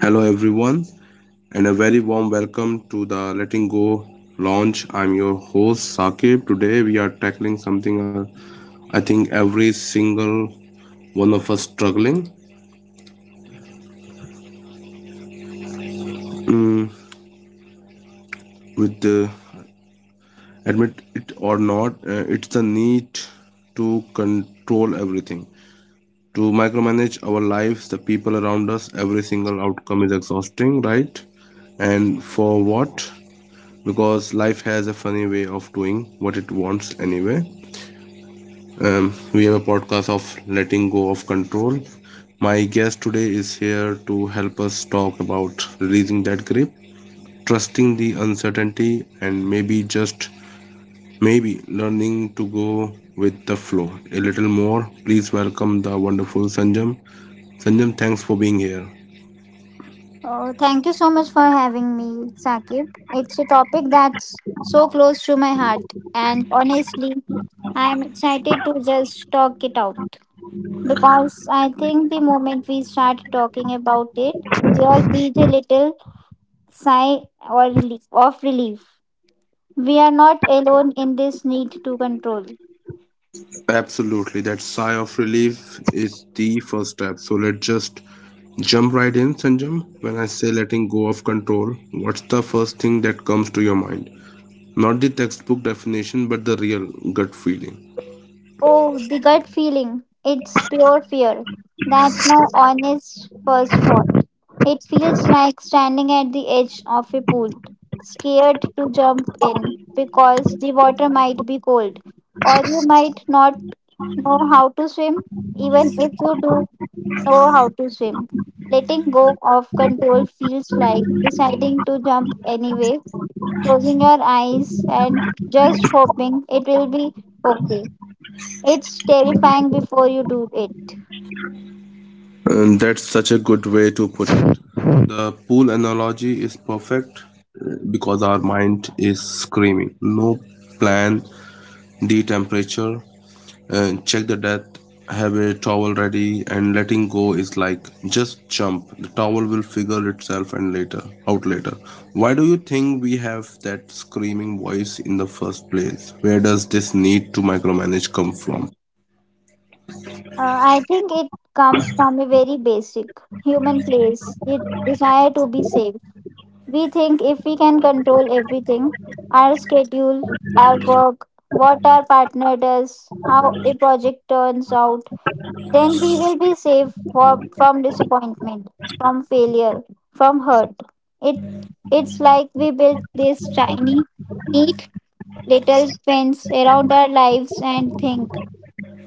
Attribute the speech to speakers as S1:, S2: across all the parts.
S1: Hello, everyone, and a very warm welcome to the Letting Go launch. I'm your host, Saqib. Today, we are tackling something I think every single one of us struggling mm, with, uh, admit it or not, it's the need to control everything, to micromanage our lives, the people around us. Every single outcome is exhausting, right? And for what? Because life has a funny way of doing what it wants anyway. We have a podcast of letting go of control. My guest today is here to help us talk about releasing that grip, trusting the uncertainty, and maybe just maybe learning to go with the flow a little more. Please welcome the wonderful Sanjam. Sanjam, thanks for being here.
S2: Oh, thank you so much for having me, Sakib. It's a topic that's so close to my heart, and honestly, I am excited to just talk it out because I think the moment we start talking about it, we all breathe a little sigh or relief of relief. We are not alone in this need to control.
S1: Absolutely, that sigh of relief is the first step. So let's just jump right in, Sanjam. When I say letting go of control, what's the first thing that comes to your mind? Not the textbook definition, but the real gut feeling.
S2: Oh, the gut feeling. It's pure fear. That's no honest first thought. It feels like standing at the edge of a pool, scared to jump in because the water might be cold, or you might not know how to swim, even if you do know how to swim. Letting go of control feels like deciding to jump anyway, closing your eyes and just hoping it will be okay. It's terrifying before you do it.
S1: And that's such a good way to put it. The pool analogy is perfect because our mind is screaming. No plan, the temperature, and check the depth, have a towel ready, and letting go is like just jump, the towel will figure itself and later out later Why do you think we have that screaming voice in the first place? Where does this need to micromanage come from?
S2: I think it comes from a very basic human place, the desire to be safe. We think if we can control everything, our schedule, our work, what our partner does, how a project turns out, then we will be safe for, from disappointment, from failure, from hurt. It It's like we built this tiny, neat little fence around our lives and think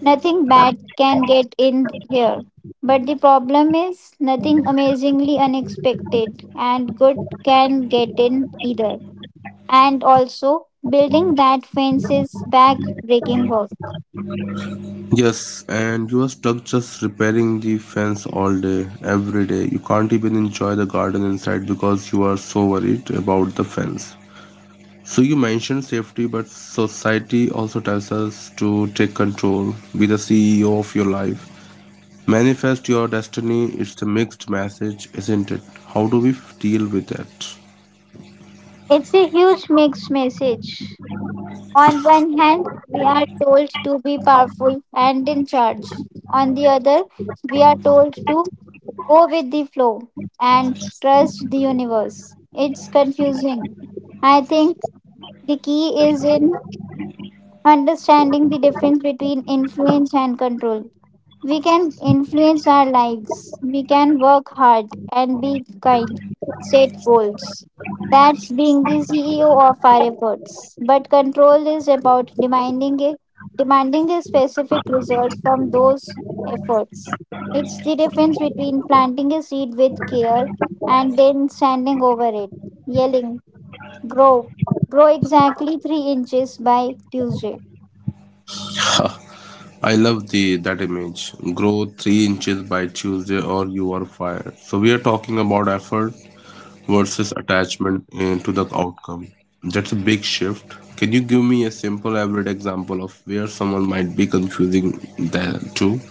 S2: nothing bad can get in here. But the problem is, nothing amazingly unexpected and good can get in either. And also, building that fence is back-breaking work.
S1: Yes, and you are stuck just repairing the fence all day, every day. You can't even enjoy the garden inside because you are so worried about the fence. So you mentioned safety, but society also tells us to take control, be the CEO of your life, manifest your destiny. It's a mixed message, isn't it? How do we deal with that?
S2: It's a huge mixed message. On one hand, we are told to be powerful and in charge. On the other, we are told to go with the flow and trust the universe. It's confusing. I think the key is in understanding the difference between influence and control. We can influence our lives. We can work hard and be kind, set goals. That's being the CEO of our efforts. But control is about demanding a specific result from those efforts. It's the difference between planting a seed with care and then standing over it, yelling, grow. Grow exactly 3 inches by Tuesday.
S1: I love the that image. Grow 3 inches by Tuesday, or you are fired. So we are talking about effort versus attachment to the outcome. That's a big shift. Can you give me a simple, everyday example of where someone might be confusing that too?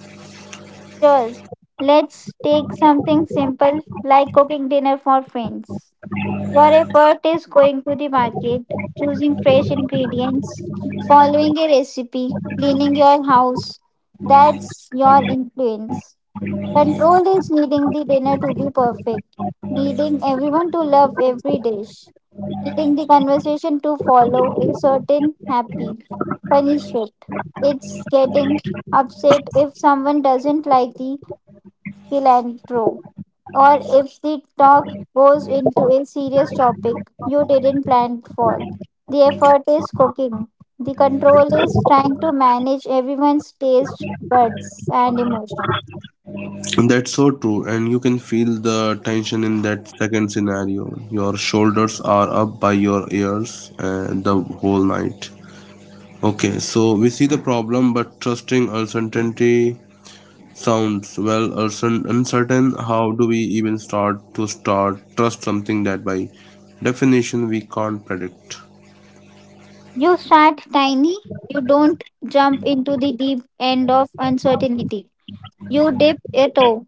S2: Sure. Let's take something simple like cooking dinner for friends. Your effort is going to the market, choosing fresh ingredients, following a recipe, cleaning your house. That's your influence. Control is needing the dinner to be perfect, needing everyone to love every dish, needing the conversation to follow a certain happy, funny script. It's getting upset if someone doesn't like the cilantro, or if the talk goes into a serious topic you didn't plan for. The effort is cooking. The control is trying to manage everyone's taste buds and emotions.
S1: That's so true, and you can feel the tension in that second scenario. Your shoulders are up by your ears the whole night. Okay, so we see the problem, but trusting uncertainty sounds, well, uncertain. How do we even start trust something that by definition we can't predict?
S2: You start tiny. You don't jump into the deep end of uncertainty. You dip a toe.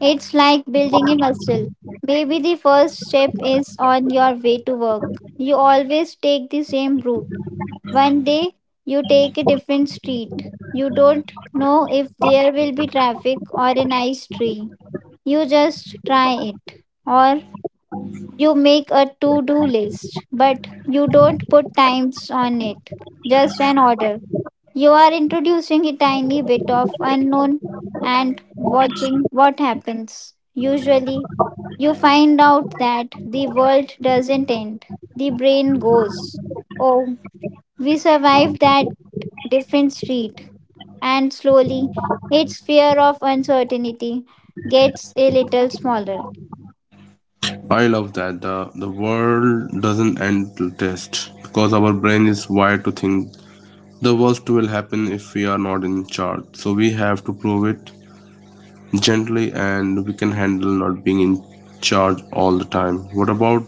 S2: It's like building a muscle. Maybe the first step is on your way to work. You always take the same route. One day, you take a different street. You don't know if there will be traffic or a nice tree. You just try it. Or you make a to do list, but you don't put times on it, just an order. You are introducing a tiny bit of unknown and watching what happens. Usually, you find out that the world doesn't end, the brain goes, oh, we survived that different street. And slowly, its fear of uncertainty gets a little smaller.
S1: I love that, the world doesn't end till test, because our brain is wired to think the worst will happen if we are not in charge. So we have to prove it gently and we can handle not being in charge all the time. What about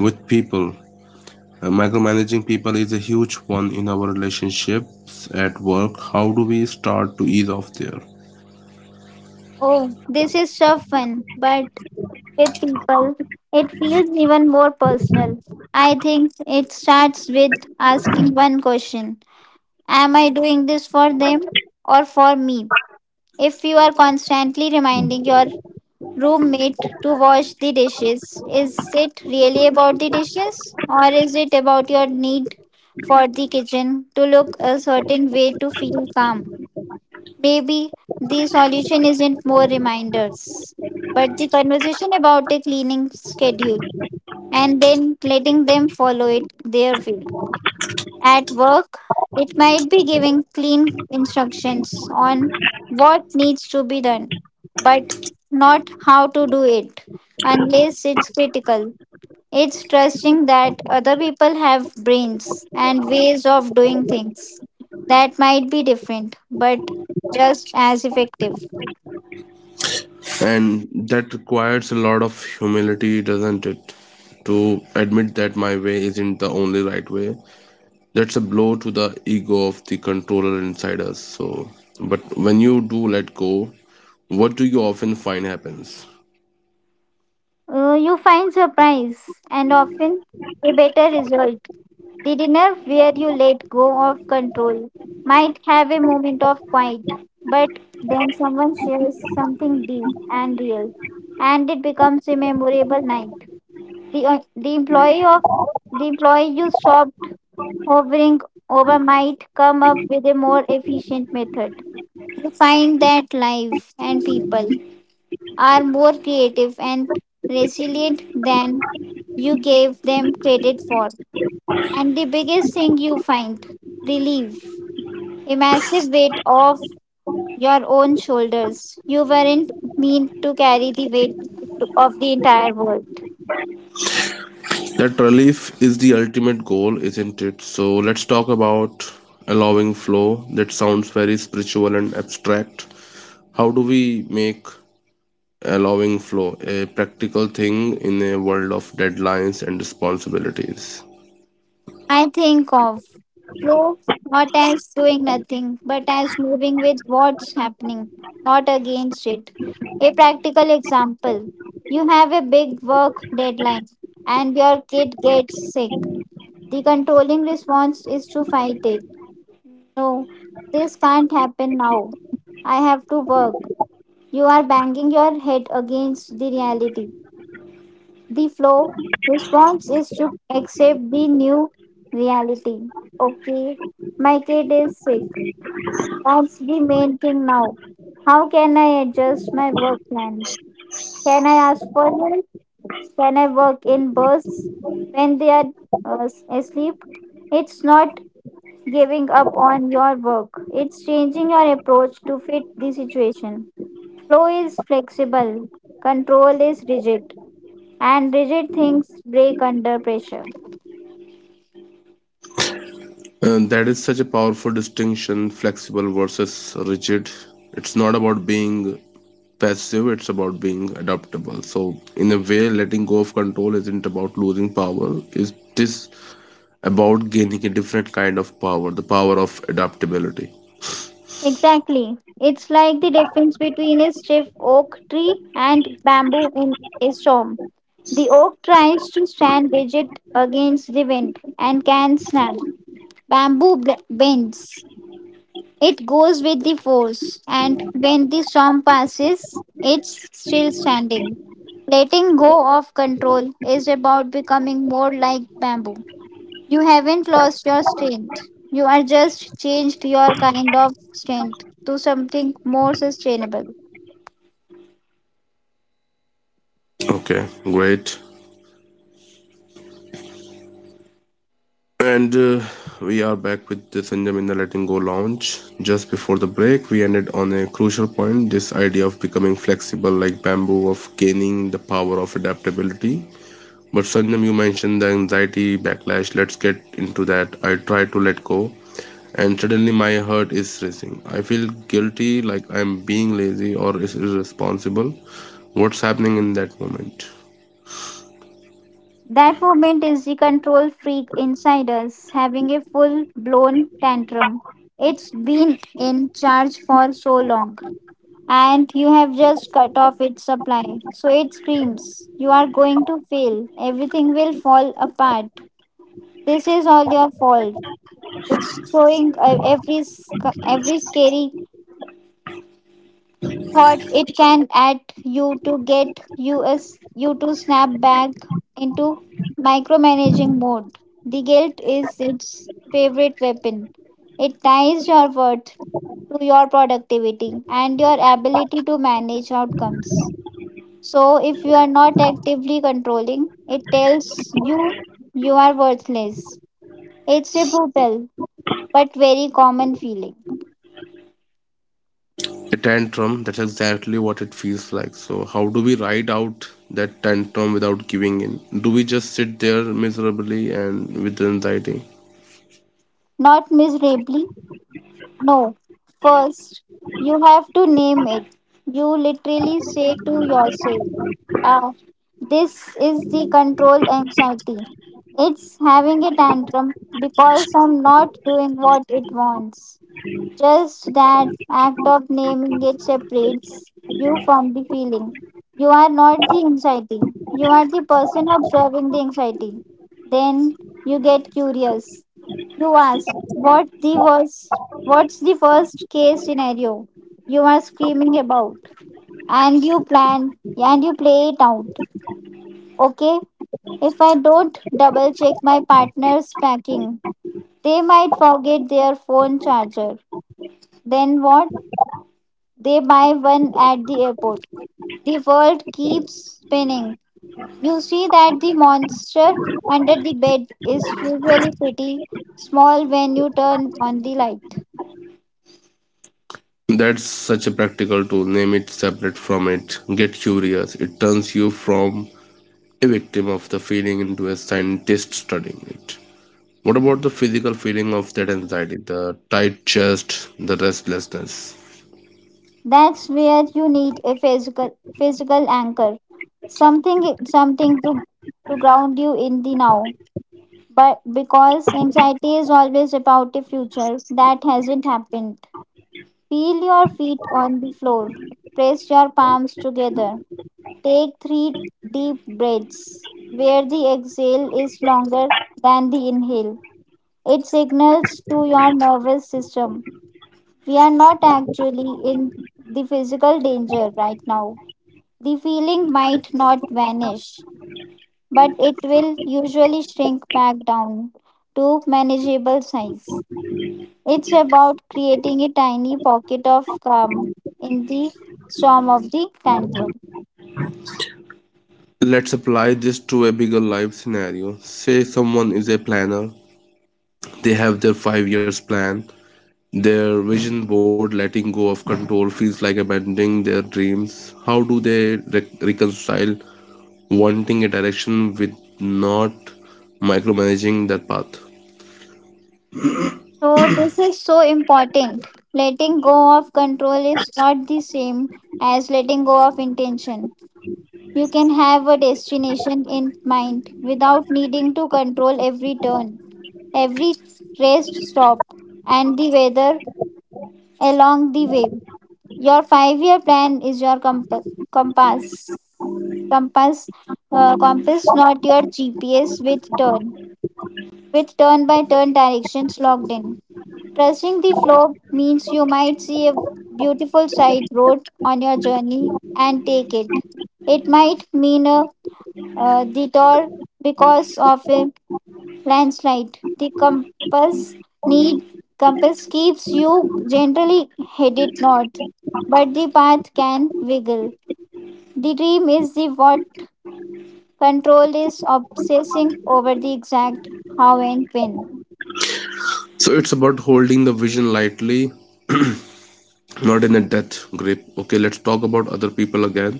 S1: with people? Micromanaging people is a huge one in our relationships at work. How do we start to ease off there?
S2: Oh, this is so fun, but with people, it feels even more personal. I think it starts with asking one question: am I doing this for them or for me? If you are constantly reminding your roommate to wash the dishes, is it really about the dishes or is it about your need for the kitchen to look a certain way to feel calm? Maybe the solution isn't more reminders, but the conversation about a cleaning schedule and then letting them follow it their way. At work, it might be giving clean instructions on what needs to be done, but not how to do it unless it's critical. It's trusting that other people have brains and ways of doing things that might be different, but just as effective.
S1: And that requires a lot of humility, doesn't it? To admit that my way isn't the only right way, that's a blow to the ego of the controller inside us. So but when you do let go, what do you often find happens?
S2: You find surprise and often a better result. The dinner where you let go of control might have a moment of quiet, but then someone shares something deep and real, and it becomes a memorable night. The, uh, the employee of the employee you stopped hovering over might come up with a more efficient method. You find that life and people are more creative and resilient than you gave them credit for. And the biggest thing you find, relief, a massive weight off your own shoulders. You weren't meant to carry the weight of the entire world.
S1: That relief is the ultimate goal, isn't it? So let's talk about allowing flow. That sounds very spiritual and abstract. How do we make allowing flow a practical thing in a world of deadlines and responsibilities?
S2: I think of flow not as doing nothing, but as moving with what's happening, not against it. A practical example: you have a big work deadline and your kid gets sick. The controlling response is to fight it. No, this can't happen now. I have to work. You are banging your head against the reality. The flow response is to accept the new reality. Okay, my kid is sick. That's the main thing now. How can I adjust my work plan? Can I ask for help? Can I work in bursts when they are asleep? It's not giving up on your work, it's changing your approach to fit the situation. Flow is flexible, control is rigid, and rigid things break under pressure.
S1: And that is such a powerful distinction, flexible versus rigid. It's not about being passive, it's about being adaptable. So, in a way, letting go of control isn't about losing power, it is about gaining a different kind of power, the power of adaptability.
S2: Exactly. It's like the difference between a stiff oak tree and bamboo in a storm. The oak tries to stand rigid against the wind and can snap. Bends. It goes with the force, and when the storm passes, it's still standing. Letting go of control is about becoming more like bamboo. You haven't lost your strength. You are just changed your kind of strength to something more sustainable.
S1: Okay, great. And We are back with the Sanjam in the Letting Go launch. Just before the break, we ended on a crucial point, this idea of becoming flexible like bamboo, of gaining the power of adaptability. But Sanjam, you mentioned the anxiety backlash. Let's get into that. I try to let go, and suddenly my heart is racing. I feel guilty, like I'm being lazy or is irresponsible. What's happening in that moment?
S2: That moment is the control freak inside us having a full blown tantrum. It's been in charge for so long, and you have just cut off its supply. So it screams, you are going to fail. Everything will fall apart. This is all your fault. It's throwing every scary thought it can at you to get you us you to snap back into micromanaging mode. The guilt is its favorite weapon. It ties your worth to your productivity and your ability to manage outcomes. So, if you are not actively controlling, it tells you you are worthless. It's a brutal but very common feeling.
S1: A tantrum, that's exactly what it feels like. So how do we ride out that tantrum without giving in? Do we just sit there miserably and with anxiety?
S2: Not miserably. No, first, you have to name it. You literally say to yourself, ah, this is the control anxiety. It's having a tantrum because I'm not doing what it wants. Just that act of naming it separates you from the feeling. You are not the anxiety, you are the person observing the anxiety. Then you get curious. You ask, what's the first case scenario you are screaming about? And you plan and you play it out. Okay? If I don't double check my partner's packing, they might forget their phone charger. Then what? They buy one at the airport. The world keeps spinning. You see that the monster under the bed is usually pretty small when you turn on the light.
S1: That's such a practical tool. Name it, separate from it, get curious. It turns you from a victim of the feeling into a scientist studying it. What about the physical feeling of that anxiety, the tight chest, the restlessness?
S2: That's where you need a physical anchor. Something to ground you in the now. But because anxiety is always about the future that hasn't happened. Feel your feet on the floor. Press your palms together. Take three deep breaths where the exhale is longer than the inhale. It signals to your nervous system we are not actually in the physical danger right now. The feeling might not vanish, but it will usually shrink back down to manageable size. It's about creating a tiny pocket of calm in the storm of the tantrum.
S1: Let's apply this to a bigger life scenario. Say someone is a planner. They have their 5 years plan, their vision board. Letting go of control feels like abandoning their dreams. How do they reconcile wanting a direction with not micromanaging that path?
S2: So, this is so important. Letting go of control is not the same as letting go of intention. You can have a destination in mind without needing to control every turn, every rest stop, and the weather along the way. Your 5 year plan is your compass. Compass, compass, not your GPS with turn by turn directions logged in. Trusting the flow means you might see a beautiful side road on your journey and take it. It might mean a detour because of a landslide. The need compass keeps you generally headed north, but the path can wiggle. The dream is the what, control is obsessing over the exact how and when.
S1: So it's about holding the vision lightly, not in a death grip. Okay, let's talk about other people again.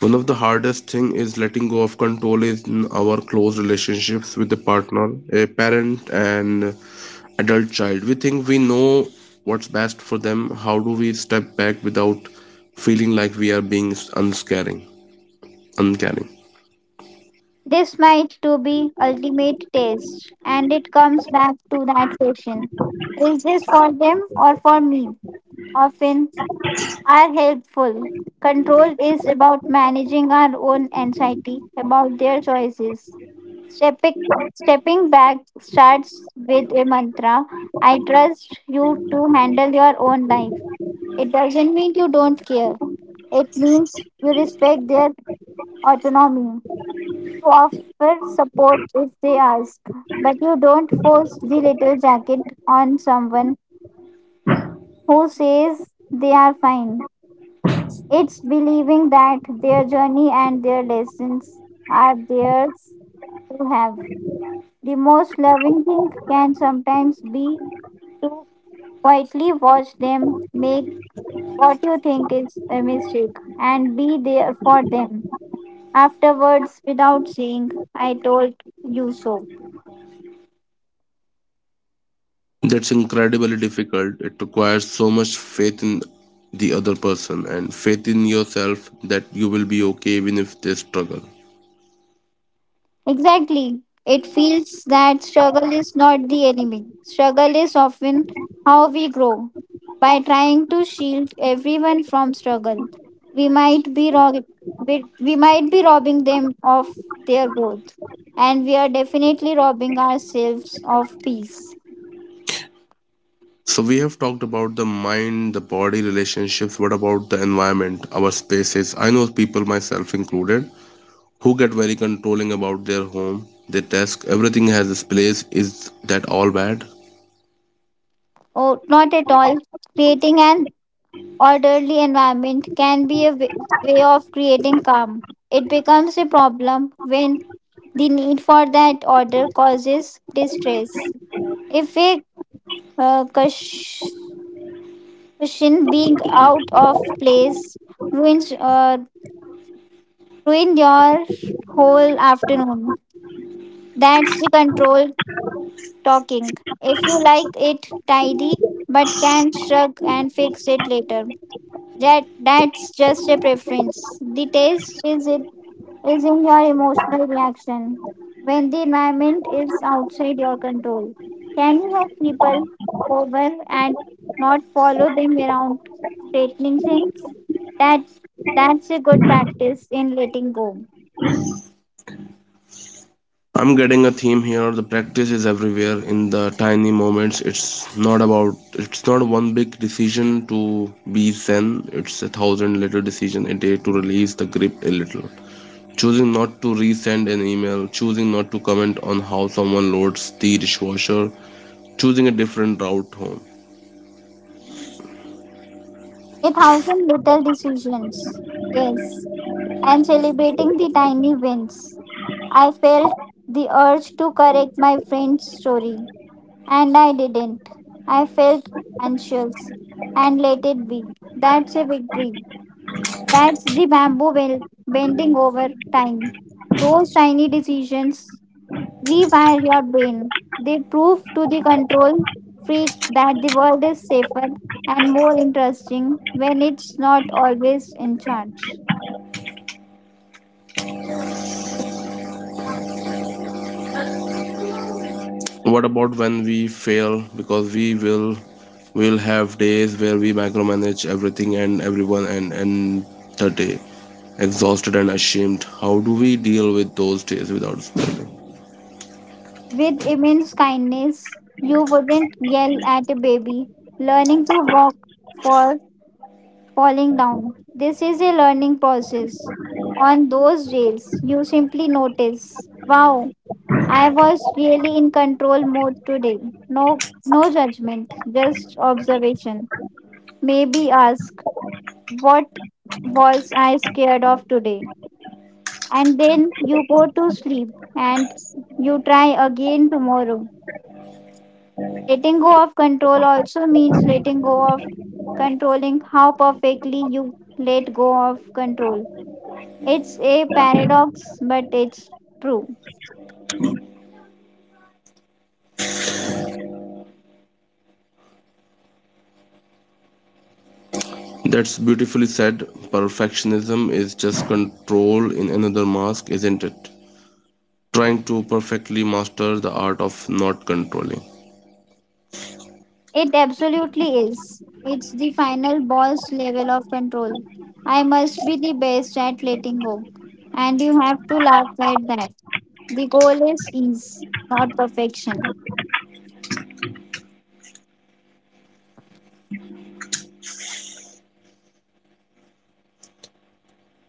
S1: One of the hardest thing is letting go of control is in our close relationships with the partner, a parent, and adult child. We think we know what's best for them. How do we step back without feeling like we are being unscaring uncaring?
S2: This might to be ultimate taste, and it comes back to that question: is this for them or for me? Often are helpful. Control is about managing our own anxiety about their choices. Stepping, stepping back starts with a mantra: I trust you to handle your own life. It doesn't mean you don't care, it means you respect their autonomy. You offer support if they ask, but you don't force the little jacket on someone who says they are fine. It's believing that their journey and their lessons are theirs to have. The most loving thing can sometimes be to quietly watch them make what you think is a mistake and be there for them afterwards without saying, I told you so.
S1: That's incredibly difficult. It requires so much faith in the other person and faith in yourself that you will be okay even if they struggle.
S2: Exactly. It feels that struggle is not the enemy. Struggle is often how we grow. By trying to shield everyone from struggle, we might be rob- we might be robbing them of their growth. And we are definitely robbing ourselves of peace.
S1: So we have talked about the mind, the body, relationships. What about the environment, our spaces? I know people, myself included, who get very controlling about their home, their desk. Everything has its place. Is that all bad?
S2: Oh, not at all. Creating an orderly environment can be a way of creating calm. It becomes a problem when the need for that order causes distress. If a uh, cush- cushion being out of place ruins uh, ruin your whole afternoon. That's the control talking. If you like it tidy, but can shrug and fix it later. That's just a preference. The taste is it is in your emotional reaction when the environment is outside your control. Can you have people over and not follow them around straightening things? That's that's a good practice in letting go.
S1: I'm getting a theme here. The practice is everywhere in the tiny moments. It's not one big decision to be zen. It's a thousand little decisions a day to release the grip a little. Choosing not to resend an email, choosing not to comment on how someone loads the dishwasher, choosing a different route home.
S2: A thousand little decisions. Yes. And celebrating the tiny wins. I felt the urge to correct my friend's story, and I didn't. I felt anxious and let it be. That's a victory. That's the bamboo well bending over time. Those tiny decisions rewire your brain. They prove to the control freak that the world is safer and more interesting when it's not always in charge.
S1: What about when we fail? Because we will have days where we micromanage everything and everyone and end the day exhausted and ashamed. How do we deal with those days without spiraling?
S2: With immense kindness, you wouldn't yell at a baby learning to walk for falling down. This is a learning process. On those days, you simply notice, wow, I was really in control mode today. No, no judgment, just observation. Maybe ask, what was I scared of today? And then you go to sleep and you try again tomorrow. Letting go of control also means letting go of controlling how perfectly you let go of control. It's a paradox, but it's true.
S1: That's beautifully said. Perfectionism is just control in another mask, isn't it? Trying to perfectly master the art of not controlling.
S2: It absolutely is. It's the final boss level of control. I must be the best at letting go. And you have to laugh at that. The goal is ease, not perfection.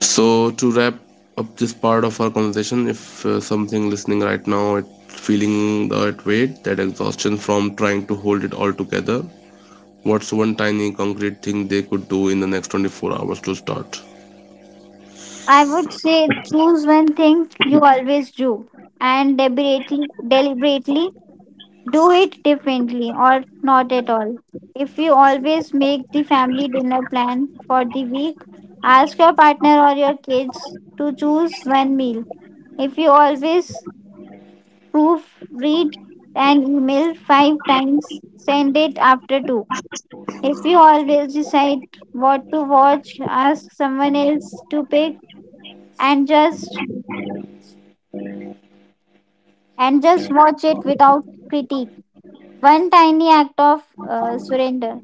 S1: So to wrap up this part of our conversation, if something listening right now it feeling that weight, that exhaustion from trying to hold it all together, what's one tiny concrete thing they could do in the next 24 hours to start?
S2: I would say choose one thing you always do and deliberately do it differently or not at all. If you always make the family dinner plan for the week, ask your partner or your kids to choose one meal. If you always proofread an email five times, send it after two. If you always decide what to watch, ask someone else to pick and just and just watch it without critique. One tiny act of surrender.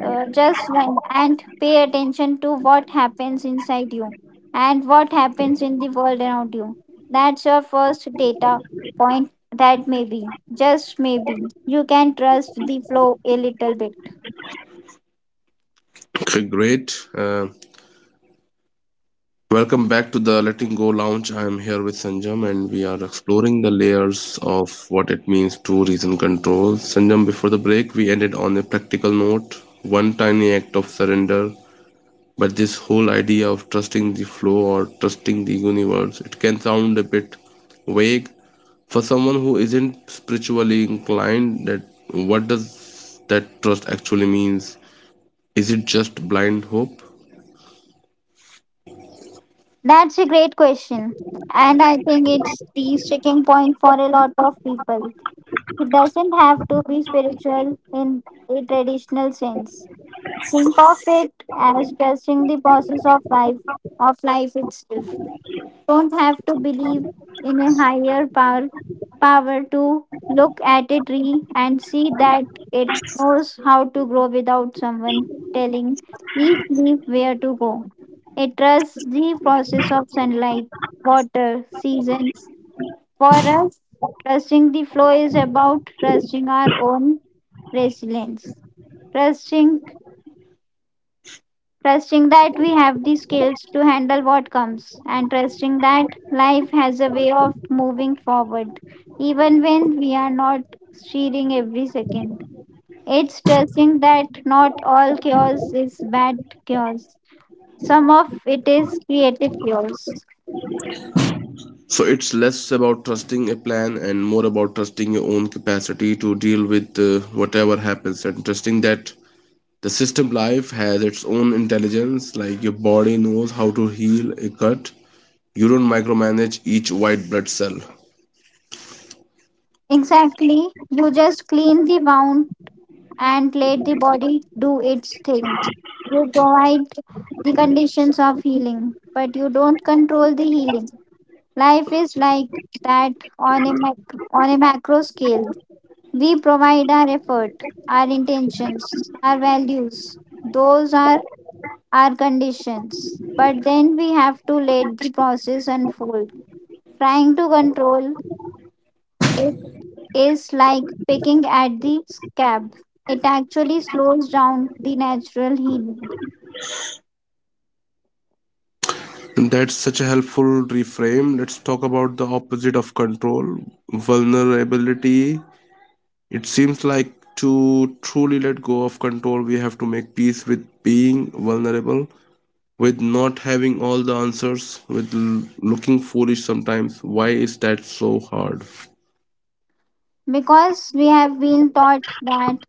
S2: Just, and pay attention to what happens inside you and what happens in the world around you. That's your first data point that maybe, just maybe, you can trust the flow a little bit.
S1: Okay, great. Welcome back to the Letting Go Lounge. I am here with Sanjam, and we are exploring the layers of what it means to reason control. Sanjam, before the break, we ended on a practical note. One tiny act of surrender, but this whole idea of trusting the flow or trusting the universe, it can sound a bit vague for someone who isn't spiritually inclined. That, what does that trust actually means? Is it just blind hope?
S2: That's a great question, and I think it's the sticking point for a lot of people. It doesn't have to be spiritual in a traditional sense. Think of it as trusting the process of life itself. Don't have to believe in a higher power to look at a tree and see that it knows how to grow without someone telling each leaf where to go. It trusts the process of sunlight, water, seasons. For us, trusting the flow is about trusting our own resilience, trusting trusting that we have the skills to handle what comes, and trusting that life has a way of moving forward, even when we are not cheering every second. It's trusting that not all chaos is bad chaos, some of it is creative chaos.
S1: So it's less about trusting a plan and more about trusting your own capacity to deal with whatever happens, and trusting that the system life has its own intelligence, like your body knows how to heal a cut. You don't micromanage each white blood cell.
S2: Exactly, you just clean the wound and let the body do its thing. You provide the conditions of healing, but you don't control the healing. Life is like that on a macro scale. We provide our effort, our intentions, our values. Those are our conditions. But then we have to let the process unfold. Trying to control it is like picking at the scab. It actually slows down the natural healing.
S1: And that's such a helpful reframe. Let's talk about the opposite of control, vulnerability. It seems like to truly let go of control, we have to make peace with being vulnerable, with not having all the answers, with looking foolish sometimes. Why is that so hard?
S2: Because we have been taught that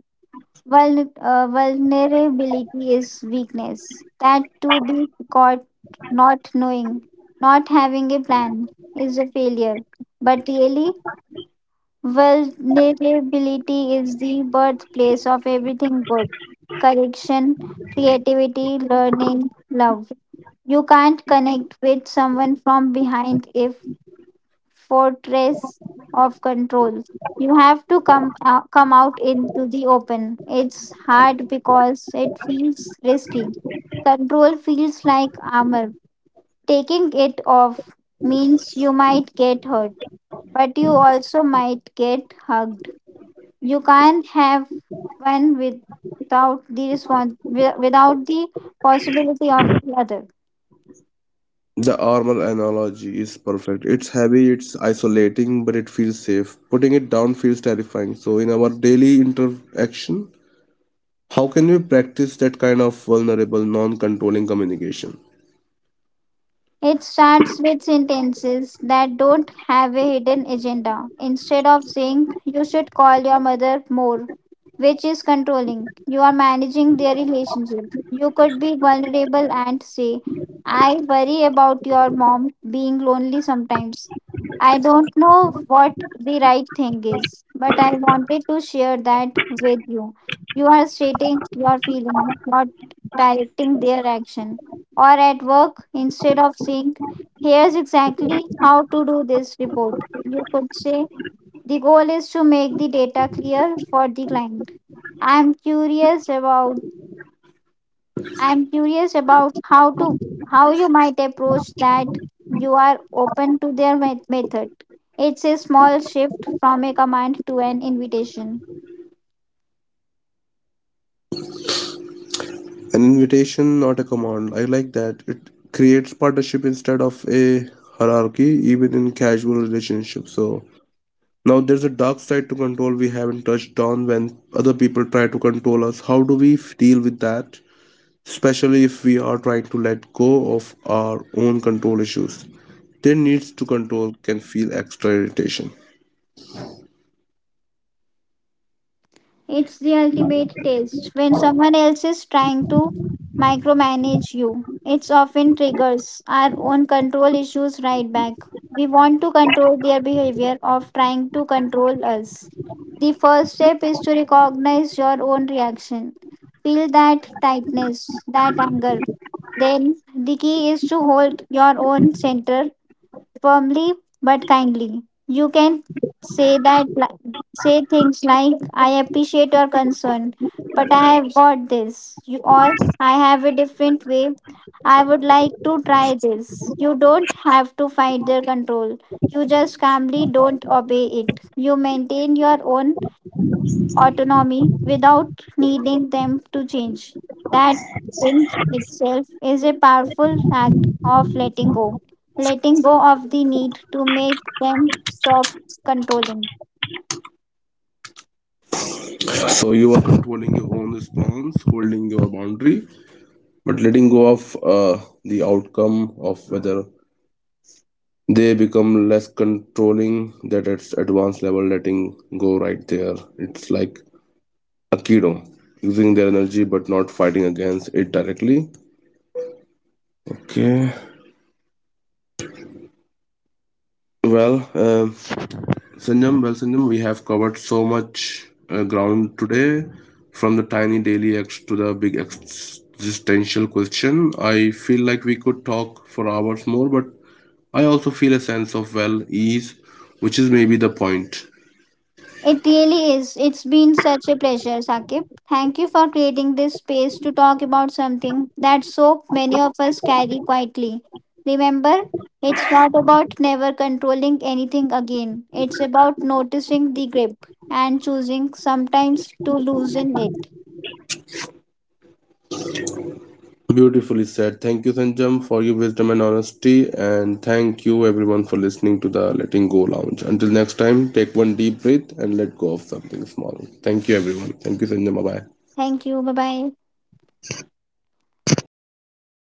S2: Vulnerability is weakness. That to be caught not knowing, not having a plan is a failure. But really, vulnerability is the birthplace of everything good: correction, creativity, learning, love. You can't connect with someone from behind if fortress of control. You have to come out into the open. It's hard because it feels risky. Control feels like armor. Taking it off means you might get hurt, but you also might get hugged. You can't have one without the possibility of the other.
S1: The armor analogy is perfect. It's heavy, it's isolating, but it feels safe. Putting it down feels terrifying. So, in our daily interaction, how can we practice that kind of vulnerable, non controlling communication?
S2: It starts with sentences that don't have a hidden agenda. Instead of saying, you should call your mother more, which is controlling, you are managing their relationship. You could be vulnerable and say, I worry about your mom being lonely sometimes. I don't know what the right thing is, but I wanted to share that with you. You are stating your feeling, not directing their action. Or at work, instead of saying, here's exactly how to do this report. You could say, the goal is to make the data clear for the client. I'm curious about I'm curious about how you might approach that. You are open to their method. It's a small shift from a command to an invitation.
S1: An invitation, not a command. I like that. It creates partnership instead of a hierarchy, even in casual relationships. So, now there's a dark side to control we haven't touched on, when other people try to control us. How do we deal with that? Especially if we are trying to let go of our own control issues. Their needs to control can feel extra irritation.
S2: It's the ultimate test. When someone else is trying to micromanage you, it often triggers our own control issues right back. We want to control their behavior of trying to control us. The first step is to recognize your own reaction. Feel that tightness, that anger. Then the key is to hold your own center firmly but kindly. You can say things like, I appreciate your concern, but I have got this. You all, I have a different way. I would like to try this. You don't have to fight their control. You just calmly don't obey it. You maintain your own autonomy without needing them to change. That in itself is a powerful act of letting go of the need to make them stop controlling.
S1: So you are controlling your own response, holding your boundary, but letting go of the outcome of whether they become less controlling. That, it's advanced level letting go right there. It's like Aikido, using their energy but not fighting against it directly. Okay. Well, um well, Sanjam, we have covered so much ground today, from the tiny daily acts to the big existential question. I feel like we could talk for hours more, but I also feel a sense of, well, ease, which is maybe the point.
S2: It really is. It's been such a pleasure, Sakib. Thank you for creating this space to talk about something that so many of us carry quietly. Remember, it's not about never controlling anything again. It's about noticing the grip and choosing sometimes to loosen it.
S1: Beautifully said. Thank you, Sanjam, for your wisdom and honesty, and thank you everyone for listening to the Letting Go Lounge. Until next time, take one deep breath and let go of something small. Thank you, everyone. Thank you, Sanjam. Bye bye.
S2: Thank you. Bye bye.